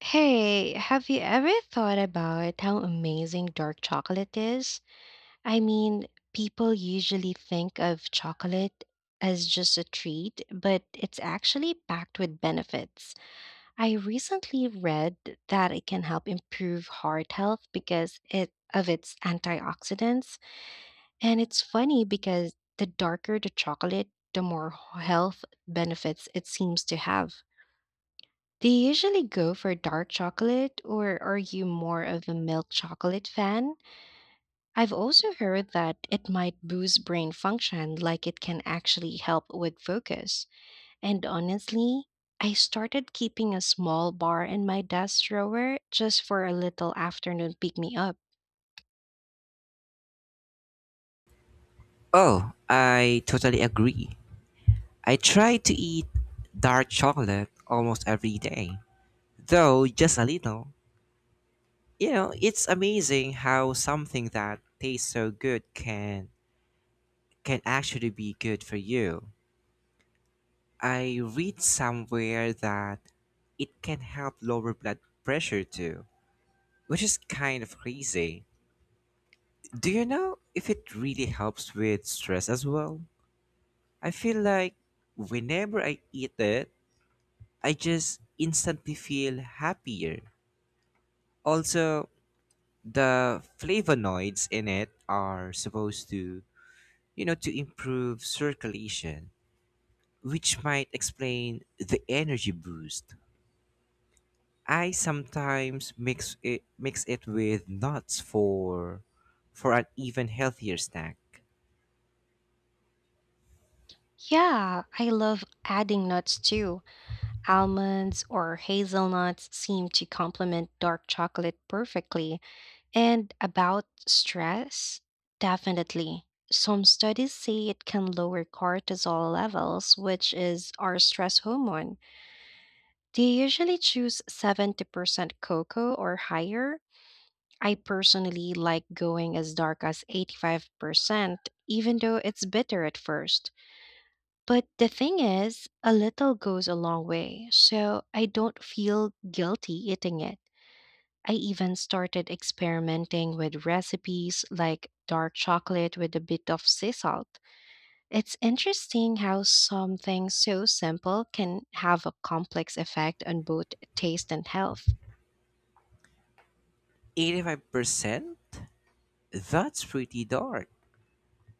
Hey, have you ever thought about how amazing dark chocolate is? I mean, people usually think of chocolate as just a treat, but it's actually packed with benefits. I recently read that it can help improve heart health because it of its antioxidants, and it's funny because the darker the chocolate, the more health benefits it seems to have. Do you usually go for dark chocolate, or are you more of a milk chocolate fan? I've also heard that it might boost brain function, like it can actually help with focus. And honestly, I started keeping a small bar in my desk drawer just for a little afternoon pick me up. Oh, I totally agree. I try to eat dark chocolate almost every day, though just a little. You know, it's amazing how something that tastes so good can actually be good for you. I read somewhere that it can help lower blood pressure too, which is kind of crazy. Do you know if it really helps with stress as well? I feel like whenever I eat it, I just instantly feel happier. Also, the flavonoids in it are supposed to, to improve circulation, which might explain the energy boost. I sometimes mix it with nuts for an even healthier snack. Yeah, I love adding nuts too. Almonds or hazelnuts seem to complement dark chocolate perfectly. And about stress, definitely. Some studies say it can lower cortisol levels, which is our stress hormone. They usually choose 70% cocoa or higher. I personally like going as dark as 85%, even though it's bitter at first. But the thing is, a little goes a long way, so I don't feel guilty eating it. I even started experimenting with recipes like dark chocolate with a bit of sea salt. It's interesting how something so simple can have a complex effect on both taste and health. 85%? That's pretty dark.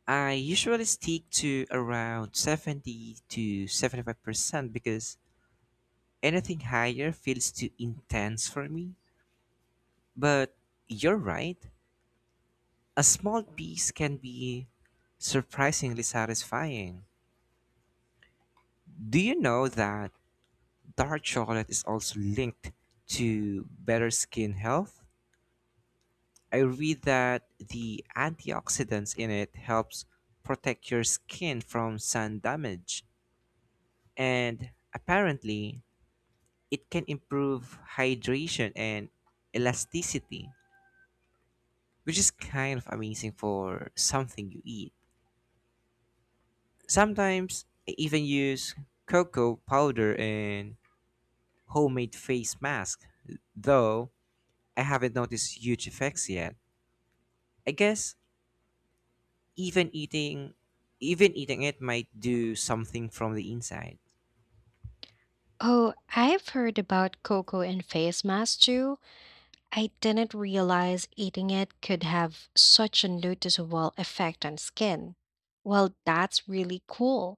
I usually stick to around 70 to 75% because anything higher feels too intense for me. But you're right. A small piece can be surprisingly satisfying. Do you know that dark chocolate is also linked to better skin health? I read that the antioxidants in it helps protect your skin from sun damage, and apparently it can improve hydration and elasticity, which is kind of amazing for something you eat. Sometimes I even use cocoa powder and homemade face mask, though I haven't noticed huge effects yet. I guess even eating even eating it might do something from the inside. Oh, I've heard about cocoa and face masks too. I didn't realize eating it could have such a noticeable effect on skin. Well, that's really cool.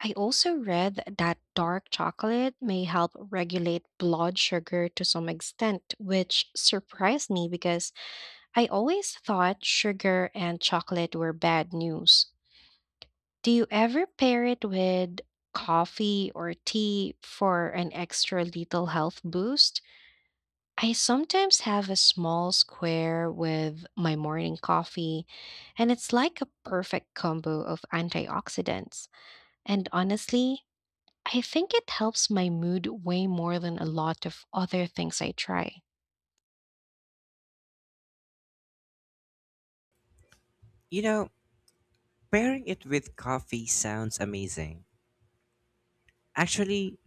I also read that dark chocolate may help regulate blood sugar to some extent, which surprised me because I always thought sugar and chocolate were bad news. Do you ever pair it with coffee or tea for an extra little health boost? I sometimes have a small square with my morning coffee, and it's like a perfect combo of antioxidants. And honestly, I think it helps my mood way more than a lot of other things I try. You know, pairing it with coffee sounds amazing. Actually,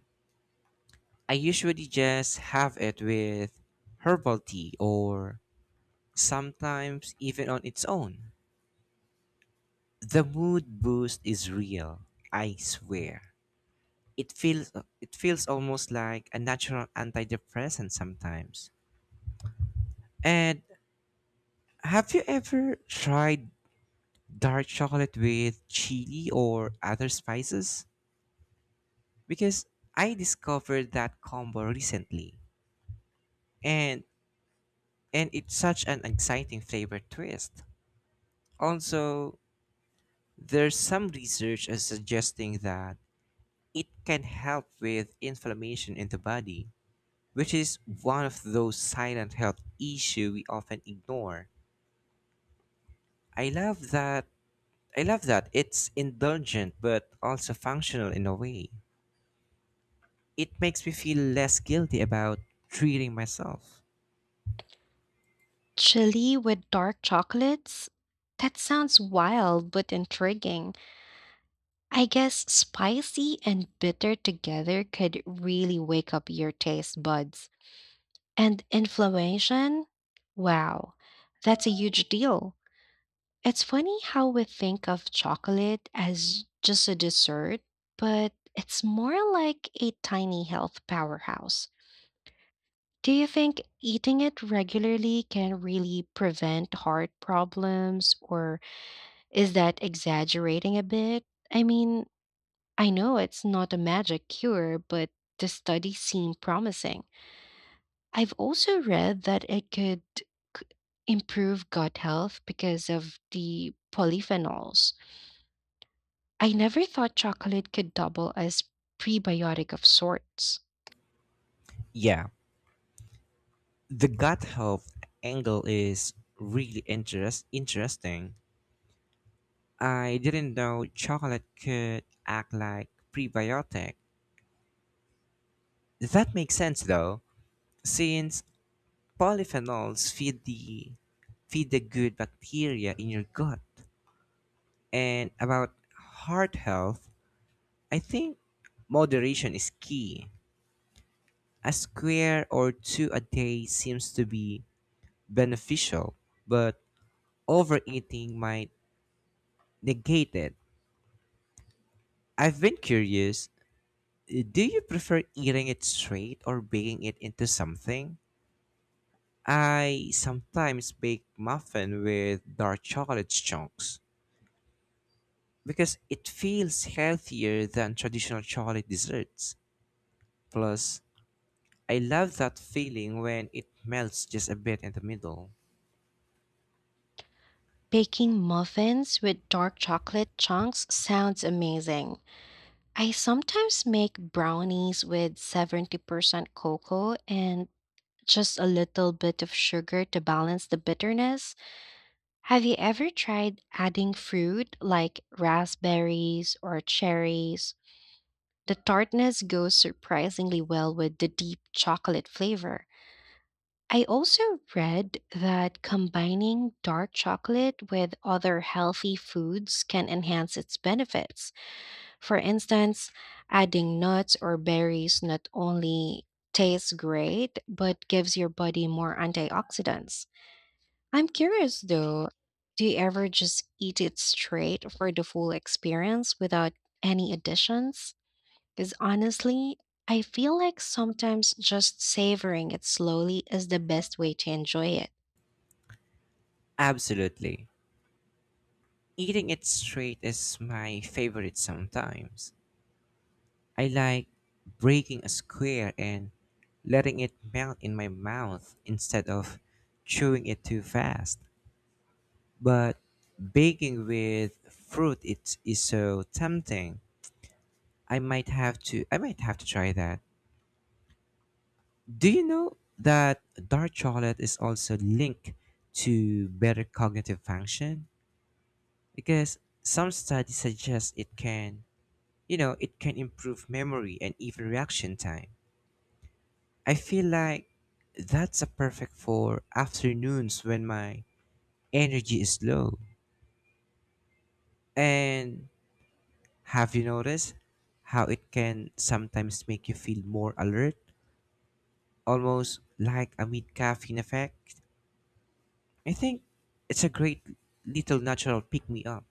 I usually just have it with herbal tea or sometimes even on its own. The mood boost is real, I swear. It feels it feels almost like a natural antidepressant sometimes. And have you ever tried dark chocolate with chili or other spices? Because I discovered that combo recently. And and it's such an exciting flavor twist. Also, there's some research is suggesting that it can help with inflammation in the body, which is one of those silent health issues we often ignore. I love that I love that it's indulgent but also functional in a way. It makes me feel less guilty about treating myself. Chili with dark chocolates? That sounds wild but intriguing. I guess spicy and bitter together could really wake up your taste buds. And inflammation? Wow, that's a huge deal. It's funny how we think of chocolate as just a dessert, but it's more like a tiny health powerhouse. Do you think eating it regularly can really prevent heart problems, or is that exaggerating a bit? I mean, I know it's not a magic cure, but the studies seem promising. I've also read that it could c- improve gut health because of the polyphenols. I never thought chocolate could double as prebiotic of sorts. Yeah, the gut health angle is really interesting. I didn't know chocolate could act like prebiotic. That makes sense though, since polyphenols feed the good bacteria in your gut. And about heart health, I think moderation is key. A square or two a day seems to be beneficial, but overeating might negate it. I've been curious, do you prefer eating it straight or baking it into something? I sometimes bake muffin with dark chocolate chunks, because it feels healthier than traditional chocolate desserts. Plus, I love that feeling when it melts just a bit in the middle. Baking muffins with dark chocolate chunks sounds amazing. I sometimes make brownies with 70% cocoa and just a little bit of sugar to balance the bitterness. Have you ever tried adding fruit like raspberries or cherries? The tartness goes surprisingly well with the deep chocolate flavor. I also read that combining dark chocolate with other healthy foods can enhance its benefits. For instance, adding nuts or berries not only tastes great, but gives your body more antioxidants. I'm curious though, do you ever just eat it straight for the full experience without any additions? Because honestly, I feel like sometimes just savoring it slowly is the best way to enjoy it. Absolutely. Eating it straight is my favorite sometimes. I like breaking a square and letting it melt in my mouth instead of chewing it too fast. But baking with fruit it is so tempting. I might have to try that. Do you know that dark chocolate is also linked to better cognitive function? Because some studies suggest it can, it can improve memory and even reaction time. I feel like that's a perfect for afternoons when my energy is low. And have you noticed how it can sometimes make you feel more alert, almost like a mid caffeine effect? I think it's a great little natural pick me up.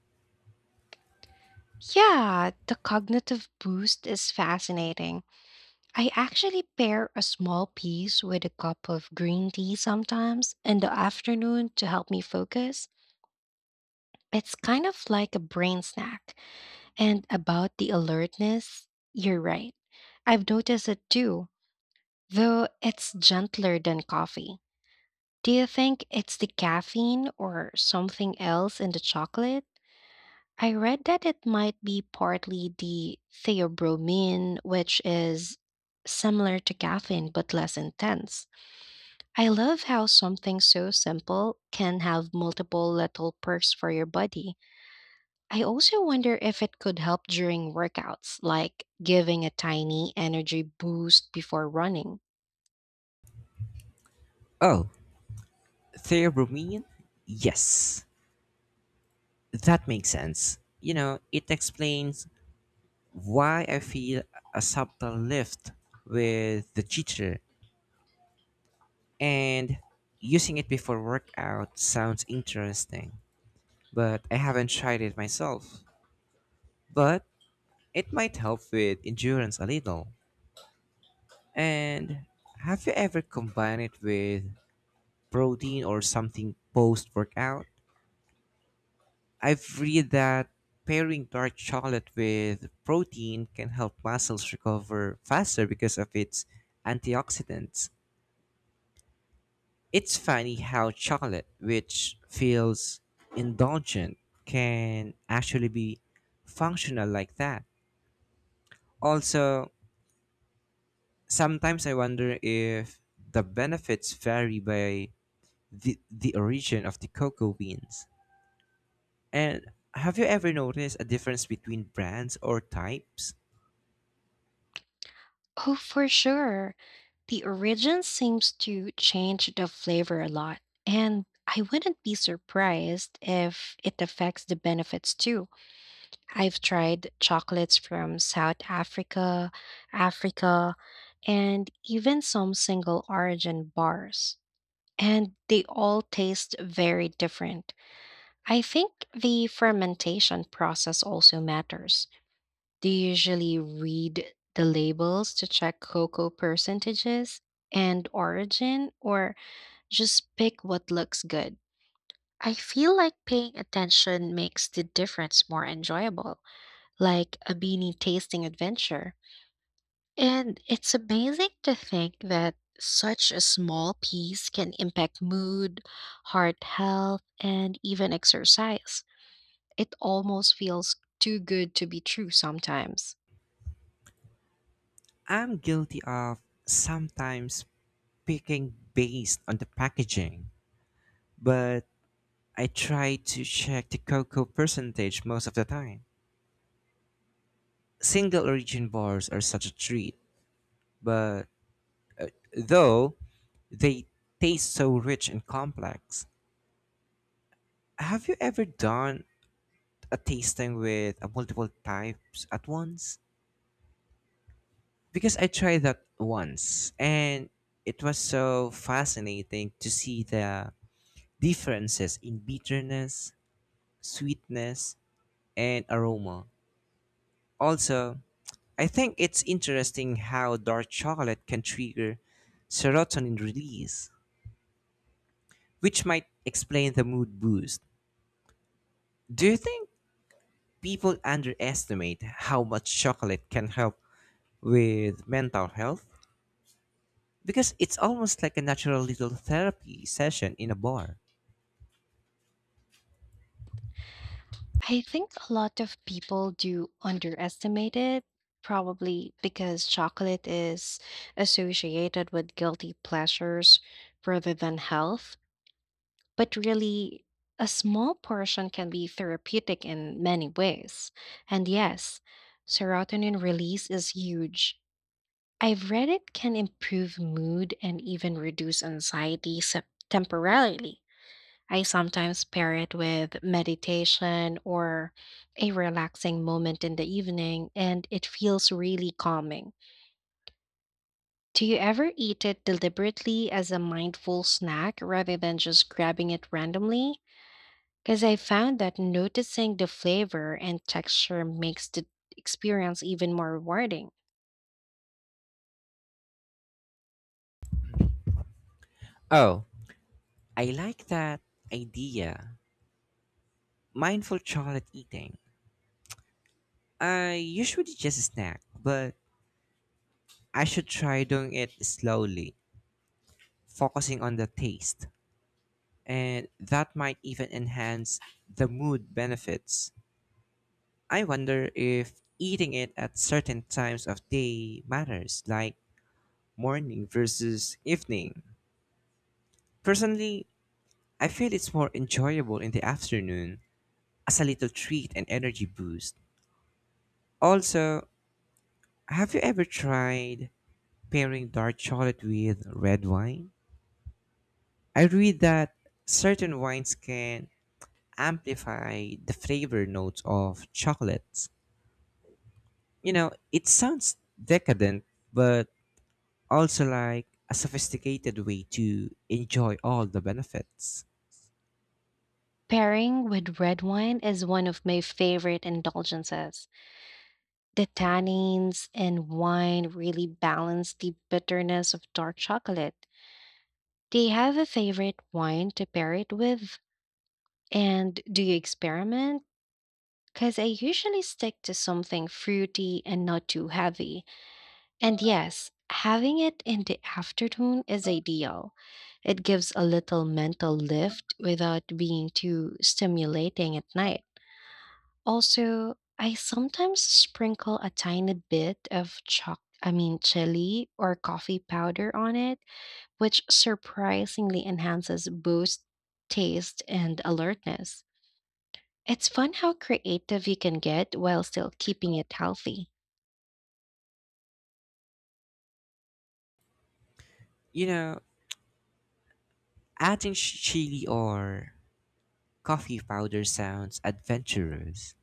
Yeah, the cognitive boost is fascinating. I actually pair a small piece with a cup of green tea sometimes in the afternoon to help me focus. It's kind of like a brain snack. And about the alertness, you're right. I've noticed it too, though it's gentler than coffee. Do you think it's the caffeine or something else in the chocolate? I read that it might be partly the theobromine, which is similar to caffeine but less intense. I love how something so simple can have multiple little perks for your body. I also wonder if it could help during workouts, like giving a tiny energy boost before running. Oh, theobromine? Yes, that makes sense. You know, it explains why I feel a subtle lift with the jitter, and using it before workout sounds interesting, but I haven't tried it myself. But it might help with endurance a little. And have you ever combined it with protein or something post workout? I've read that pairing dark chocolate with protein can help muscles recover faster because of its antioxidants. It's funny how chocolate, which feels indulgent, can actually be functional like that. Also, sometimes I wonder if the benefits vary by the origin of the cocoa beans. And have you ever noticed a difference between brands or types? Oh, for sure. The origin seems to change the flavor a lot, and I wouldn't be surprised if it affects the benefits too. I've tried chocolates from South Africa, Africa, and even some single origin bars. And they all taste very different. I think the fermentation process also matters. Do you usually read the labels to check cocoa percentages and origin, or just pick what looks good? I feel like paying attention makes the difference more enjoyable, like a beanie tasting adventure. And it's amazing to think that such a small piece can impact mood, heart health, and even exercise. It almost feels too good to be true sometimes. I'm guilty of sometimes picking based on the packaging, but I try to check the cocoa percentage most of the time. Single origin bars are such a treat, but though they taste so rich and complex, have you ever done a tasting with a multiple types at once? Because I tried that once and it was so fascinating to see the differences in bitterness, sweetness, and aroma. Also, I think it's interesting how dark chocolate can trigger serotonin release, which might explain the mood boost. Do you think people underestimate how much chocolate can help with mental health? Because it's almost like a natural little therapy session in a bar. I think a lot of people do underestimate it, probably because chocolate is associated with guilty pleasures rather than health. But really, a small portion can be therapeutic in many ways. And yes, serotonin release is huge. I've read it can improve mood and even reduce anxiety temporarily. I sometimes pair it with meditation or a relaxing moment in the evening, and it feels really calming. Do you ever eat it deliberately as a mindful snack rather than just grabbing it randomly? Because I found that noticing the flavor and texture makes the experience even more rewarding. Oh, I like that idea. Mindful chocolate eating. I usually just snack, but I should try doing it slowly, focusing on the taste. And that might even enhance the mood benefits. I wonder if eating it at certain times of day matters, like morning versus evening. Personally, I feel it's more enjoyable in the afternoon as a little treat and energy boost. Also, have you ever tried pairing dark chocolate with red wine? I read that certain wines can amplify the flavor notes of chocolates. You know, it sounds decadent, but also like a sophisticated way to enjoy all the benefits. Pairing with red wine is one of my favorite indulgences. The tannins in wine really balance the bitterness of dark chocolate. Do you have a favorite wine to pair it with? And do you experiment? Because I usually stick to something fruity and not too heavy. And yes, having it in the afternoon is ideal. It gives a little mental lift without being too stimulating at night. Also, I sometimes sprinkle a tiny bit of choc I mean chili or coffee powder on it, which surprisingly enhances both taste and alertness. It's fun how creative you can get while still keeping it healthy. You know, adding chili or coffee powder sounds adventurous.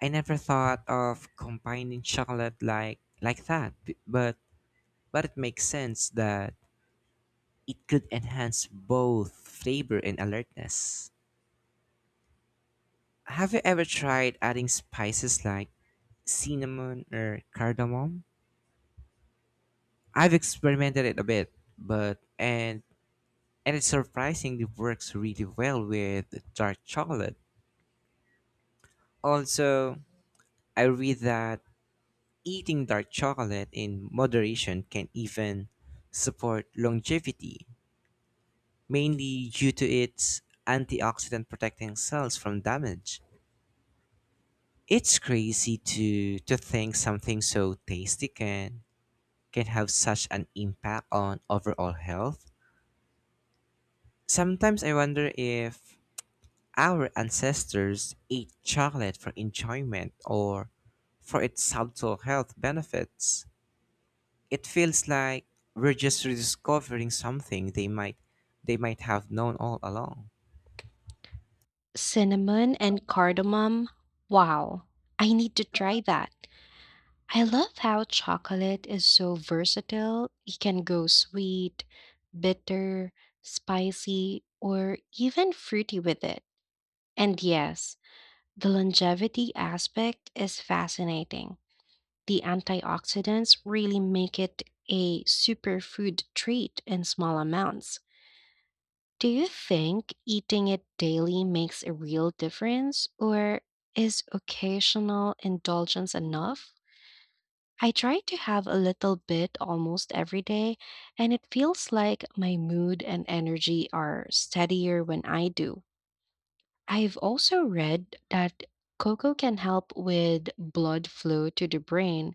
I never thought of combining chocolate like that, but it makes sense that it could enhance both flavor and alertness. Have you ever tried adding spices like cinnamon or cardamom? I've experimented it a bit, but and it surprisingly works really well with dark chocolate. Also, I read that eating dark chocolate in moderation can even support longevity, mainly due to its antioxidant protecting cells from damage. It's crazy to think something so tasty can have such an impact on overall health. Sometimes I wonder if our ancestors ate chocolate for enjoyment or for its subtle health benefits. It feels like we're just rediscovering something they might have known all along. Cinnamon and cardamom. Wow, I need to try that. I love how chocolate is so versatile. It can go sweet, bitter, spicy, or even fruity with it. And yes, the longevity aspect is fascinating. The antioxidants really make it a superfood treat in small amounts. Do you think eating it daily makes a real difference, or is occasional indulgence enough? I try to have a little bit almost every day, and it feels like my mood and energy are steadier when I do. I've also read that cocoa can help with blood flow to the brain,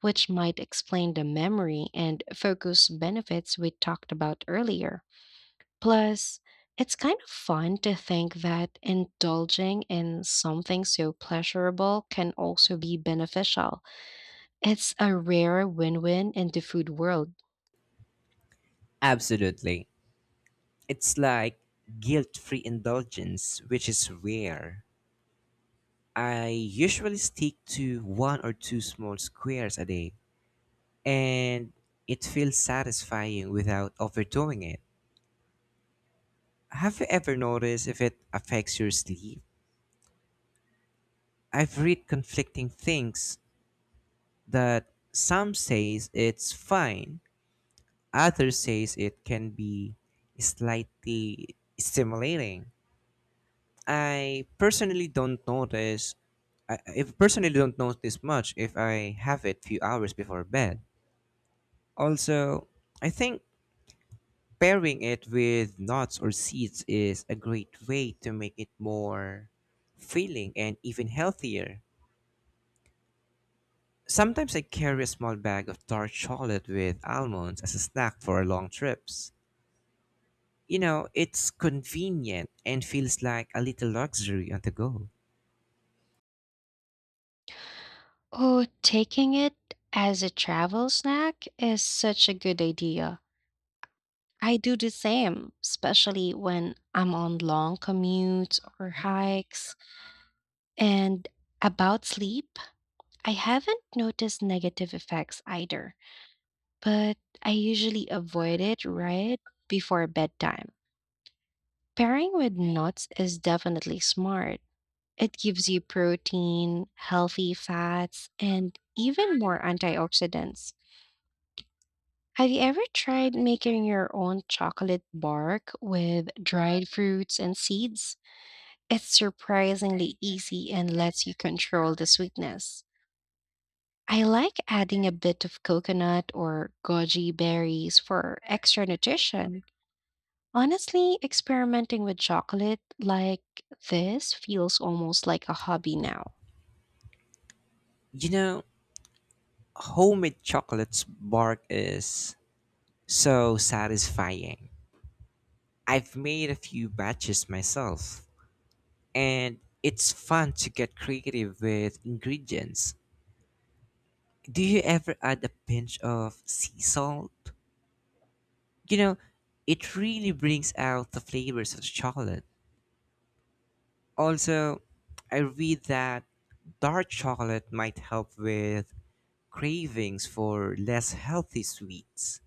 which might explain the memory and focus benefits we talked about earlier. Plus, it's kind of fun to think that indulging in something so pleasurable can also be beneficial. It's a rare win win in the food world. Absolutely. It's like guilt-free indulgence, which is rare. I usually stick to one or two small squares a day, and it feels satisfying without overdoing it. Have you ever noticed if it affects your sleep? I've read conflicting things that some says it's fine, others says it can be slightly stimulating. I personally don't notice I- if personally don't notice much if I have it few hours before bed. Also, I think pairing it with nuts or seeds is a great way to make it more filling and even healthier. Sometimes I carry a small bag of dark chocolate with almonds as a snack for long trips. You know, it's convenient and feels like a little luxury on the go. Oh, taking it as a travel snack is such a good idea. I do the same, especially when I'm on long commutes or hikes. And about sleep, I haven't noticed negative effects either, but I usually avoid it right before bedtime. Pairing with nuts is definitely smart. It gives you protein, healthy fats, and even more antioxidants. Have you ever tried making your own chocolate bark with dried fruits and seeds? It's surprisingly easy and lets you control the sweetness. I like adding a bit of coconut or goji berries for extra nutrition. Honestly, experimenting with chocolate like this feels almost like a hobby now. You know, homemade chocolate's bark is so satisfying. I've made a few batches myself, and it's fun to get creative with ingredients. Do you ever add a pinch of sea salt? You know, it really brings out the flavors of the chocolate. Also, I read that dark chocolate might help with cravings for less healthy sweets.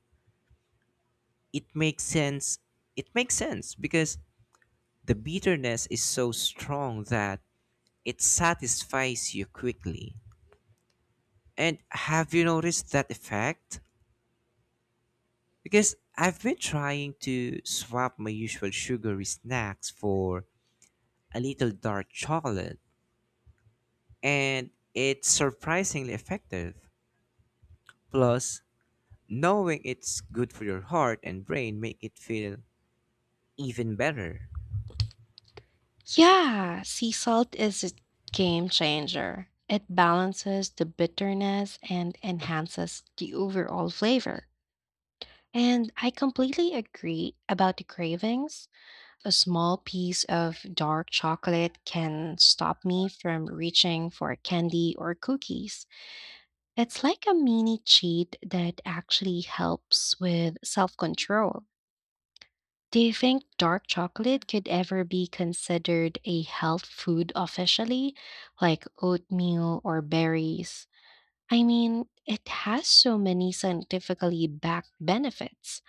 It makes sense. It makes sense because the bitterness is so strong that it satisfies you quickly. And have you noticed that effect? Because I've been trying to swap my usual sugary snacks for a little dark chocolate, and it's surprisingly effective. Plus, knowing it's good for your heart and brain make it feel even better. Yeah, sea salt is a game changer. It balances the bitterness and enhances the overall flavor. And I completely agree about the cravings. A small piece of dark chocolate can stop me from reaching for candy or cookies. It's like a mini cheat that actually helps with self control. Do you think dark chocolate could ever be considered a health food officially, like oatmeal or berries? I mean, it has so many scientifically backed benefits.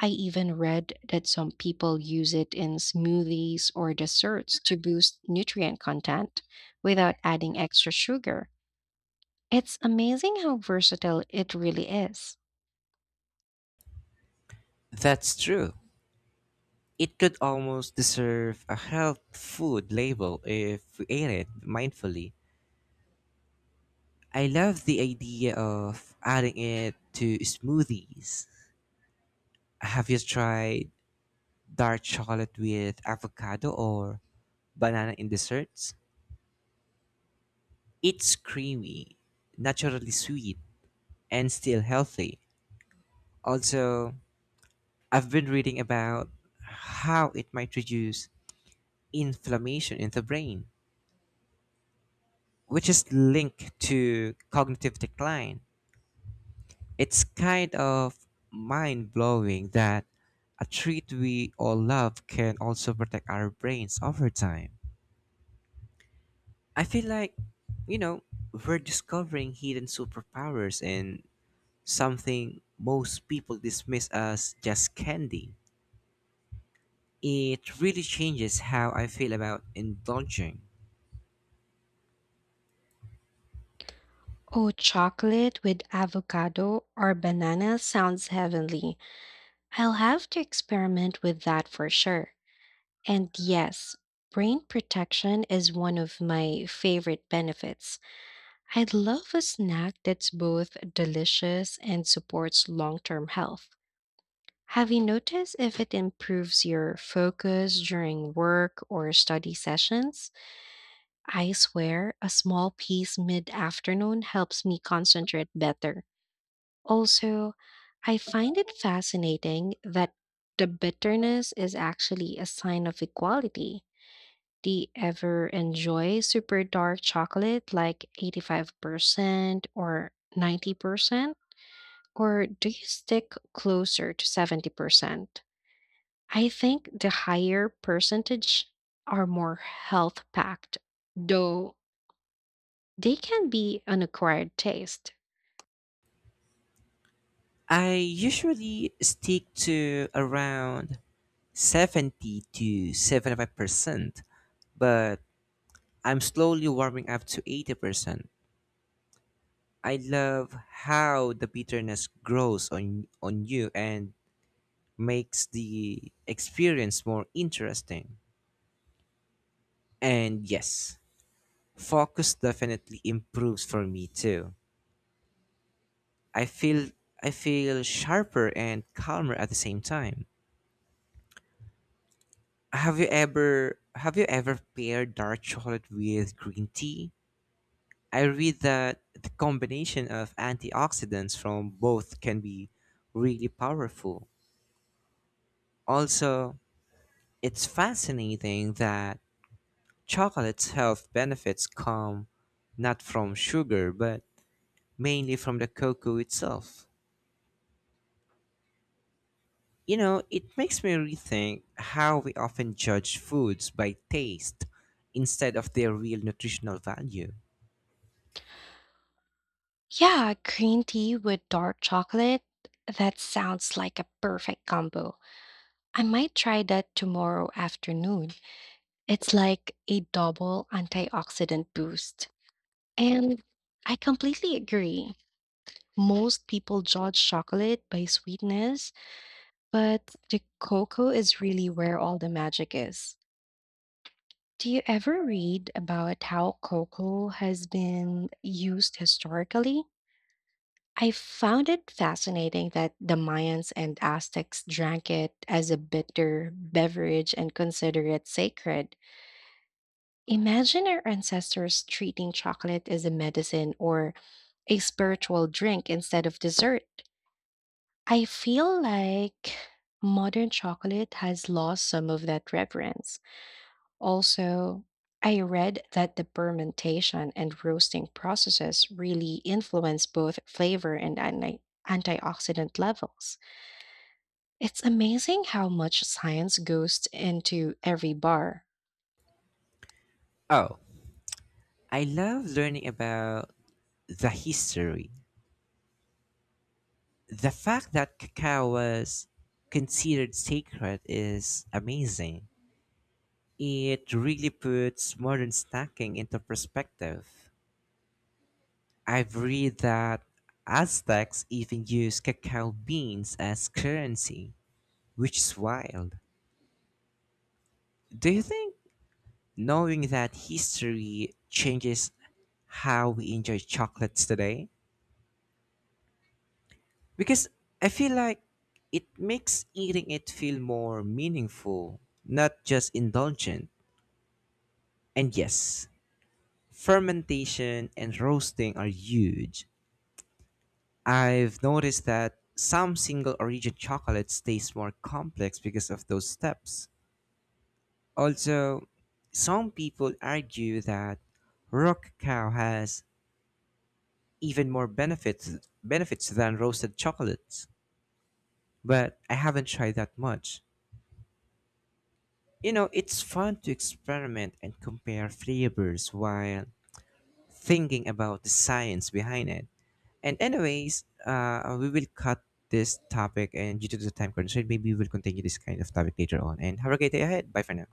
I even read that some people use it in smoothies or desserts to boost nutrient content without adding extra sugar. It's amazing how versatile it really is. That's true. It could almost deserve a health food label if we ate it mindfully. I love the idea of adding it to smoothies. Have you tried dark chocolate with avocado or banana in desserts? It's creamy, naturally sweet, and still healthy. Also, I've been reading about how it might reduce inflammation in the brain, which is linked to cognitive decline. It's kind of mind blowing that a treat we all love can also protect our brains over time. I feel like, you know, we're discovering hidden superpowers and something most people dismiss as just candy. It really changes how I feel about indulging. Oh, chocolate with avocado or banana sounds heavenly. I'll have to experiment with that for sure. And yes, brain protection is one of my favorite benefits. I'd love a snack that's both delicious and supports long term health. Have you noticed if it improves your focus during work or study sessions? I swear, a small piece mid afternoon helps me concentrate better. Also, I find it fascinating that the bitterness is actually a sign of equality. Do you ever enjoy super dark chocolate like 85% or 90%? Or do you stick closer to 70%? I think the higher percentage are more health packed, though they can be an acquired taste. I usually stick to around 70 to 75%, but I'm slowly warming up to 80%. I love how the bitterness grows on you and makes the experience more interesting. And yes, focus definitely improves for me too. I feel I feel sharper and calmer at the same time. Have you ever paired dark chocolate with green tea? I read that the combination of antioxidants from both can be really powerful. Also, it's fascinating that chocolate's health benefits come not from sugar, but mainly from the cocoa itself. You know, it makes me rethink how we often judge foods by taste instead of their real nutritional value. Yeah, green tea with dark chocolate. That sounds like a perfect combo. I might try that tomorrow afternoon. It's like a double antioxidant boost. And I completely agree. Most people judge chocolate by sweetness, but the cocoa is really where all the magic is. Do you ever read about how cocoa has been used historically? I found it fascinating that the Mayans and Aztecs drank it as a bitter beverage and consider it sacred. Imagine our ancestors treating chocolate as a medicine or a spiritual drink instead of dessert. I feel like modern chocolate has lost some of that reverence. Also, I read that the fermentation and roasting processes really influence both flavor and antioxidant levels. It's amazing how much science goes into every bar. Oh, I love learning about the history. The fact that cacao was considered sacred is amazing. It really puts modern snacking into perspective. I've read that Aztecs even used cacao beans as currency, which is wild. Do you think knowing that history changes how we enjoy chocolates today? Because I feel like it makes eating it feel more meaningful, not just indulgent. And yes, fermentation and roasting are huge. I've noticed that some single origin chocolates taste more complex because of those steps. Also, some people argue that rock cow has even more benefits than roasted chocolates, but I haven't tried that much. You know, it's fun to experiment and compare flavors while thinking about the science behind it. And anyways, we will cut this topic, and due to the time constraint, maybe we'll continue this kind of topic later on. And have a great day ahead. Bye for now.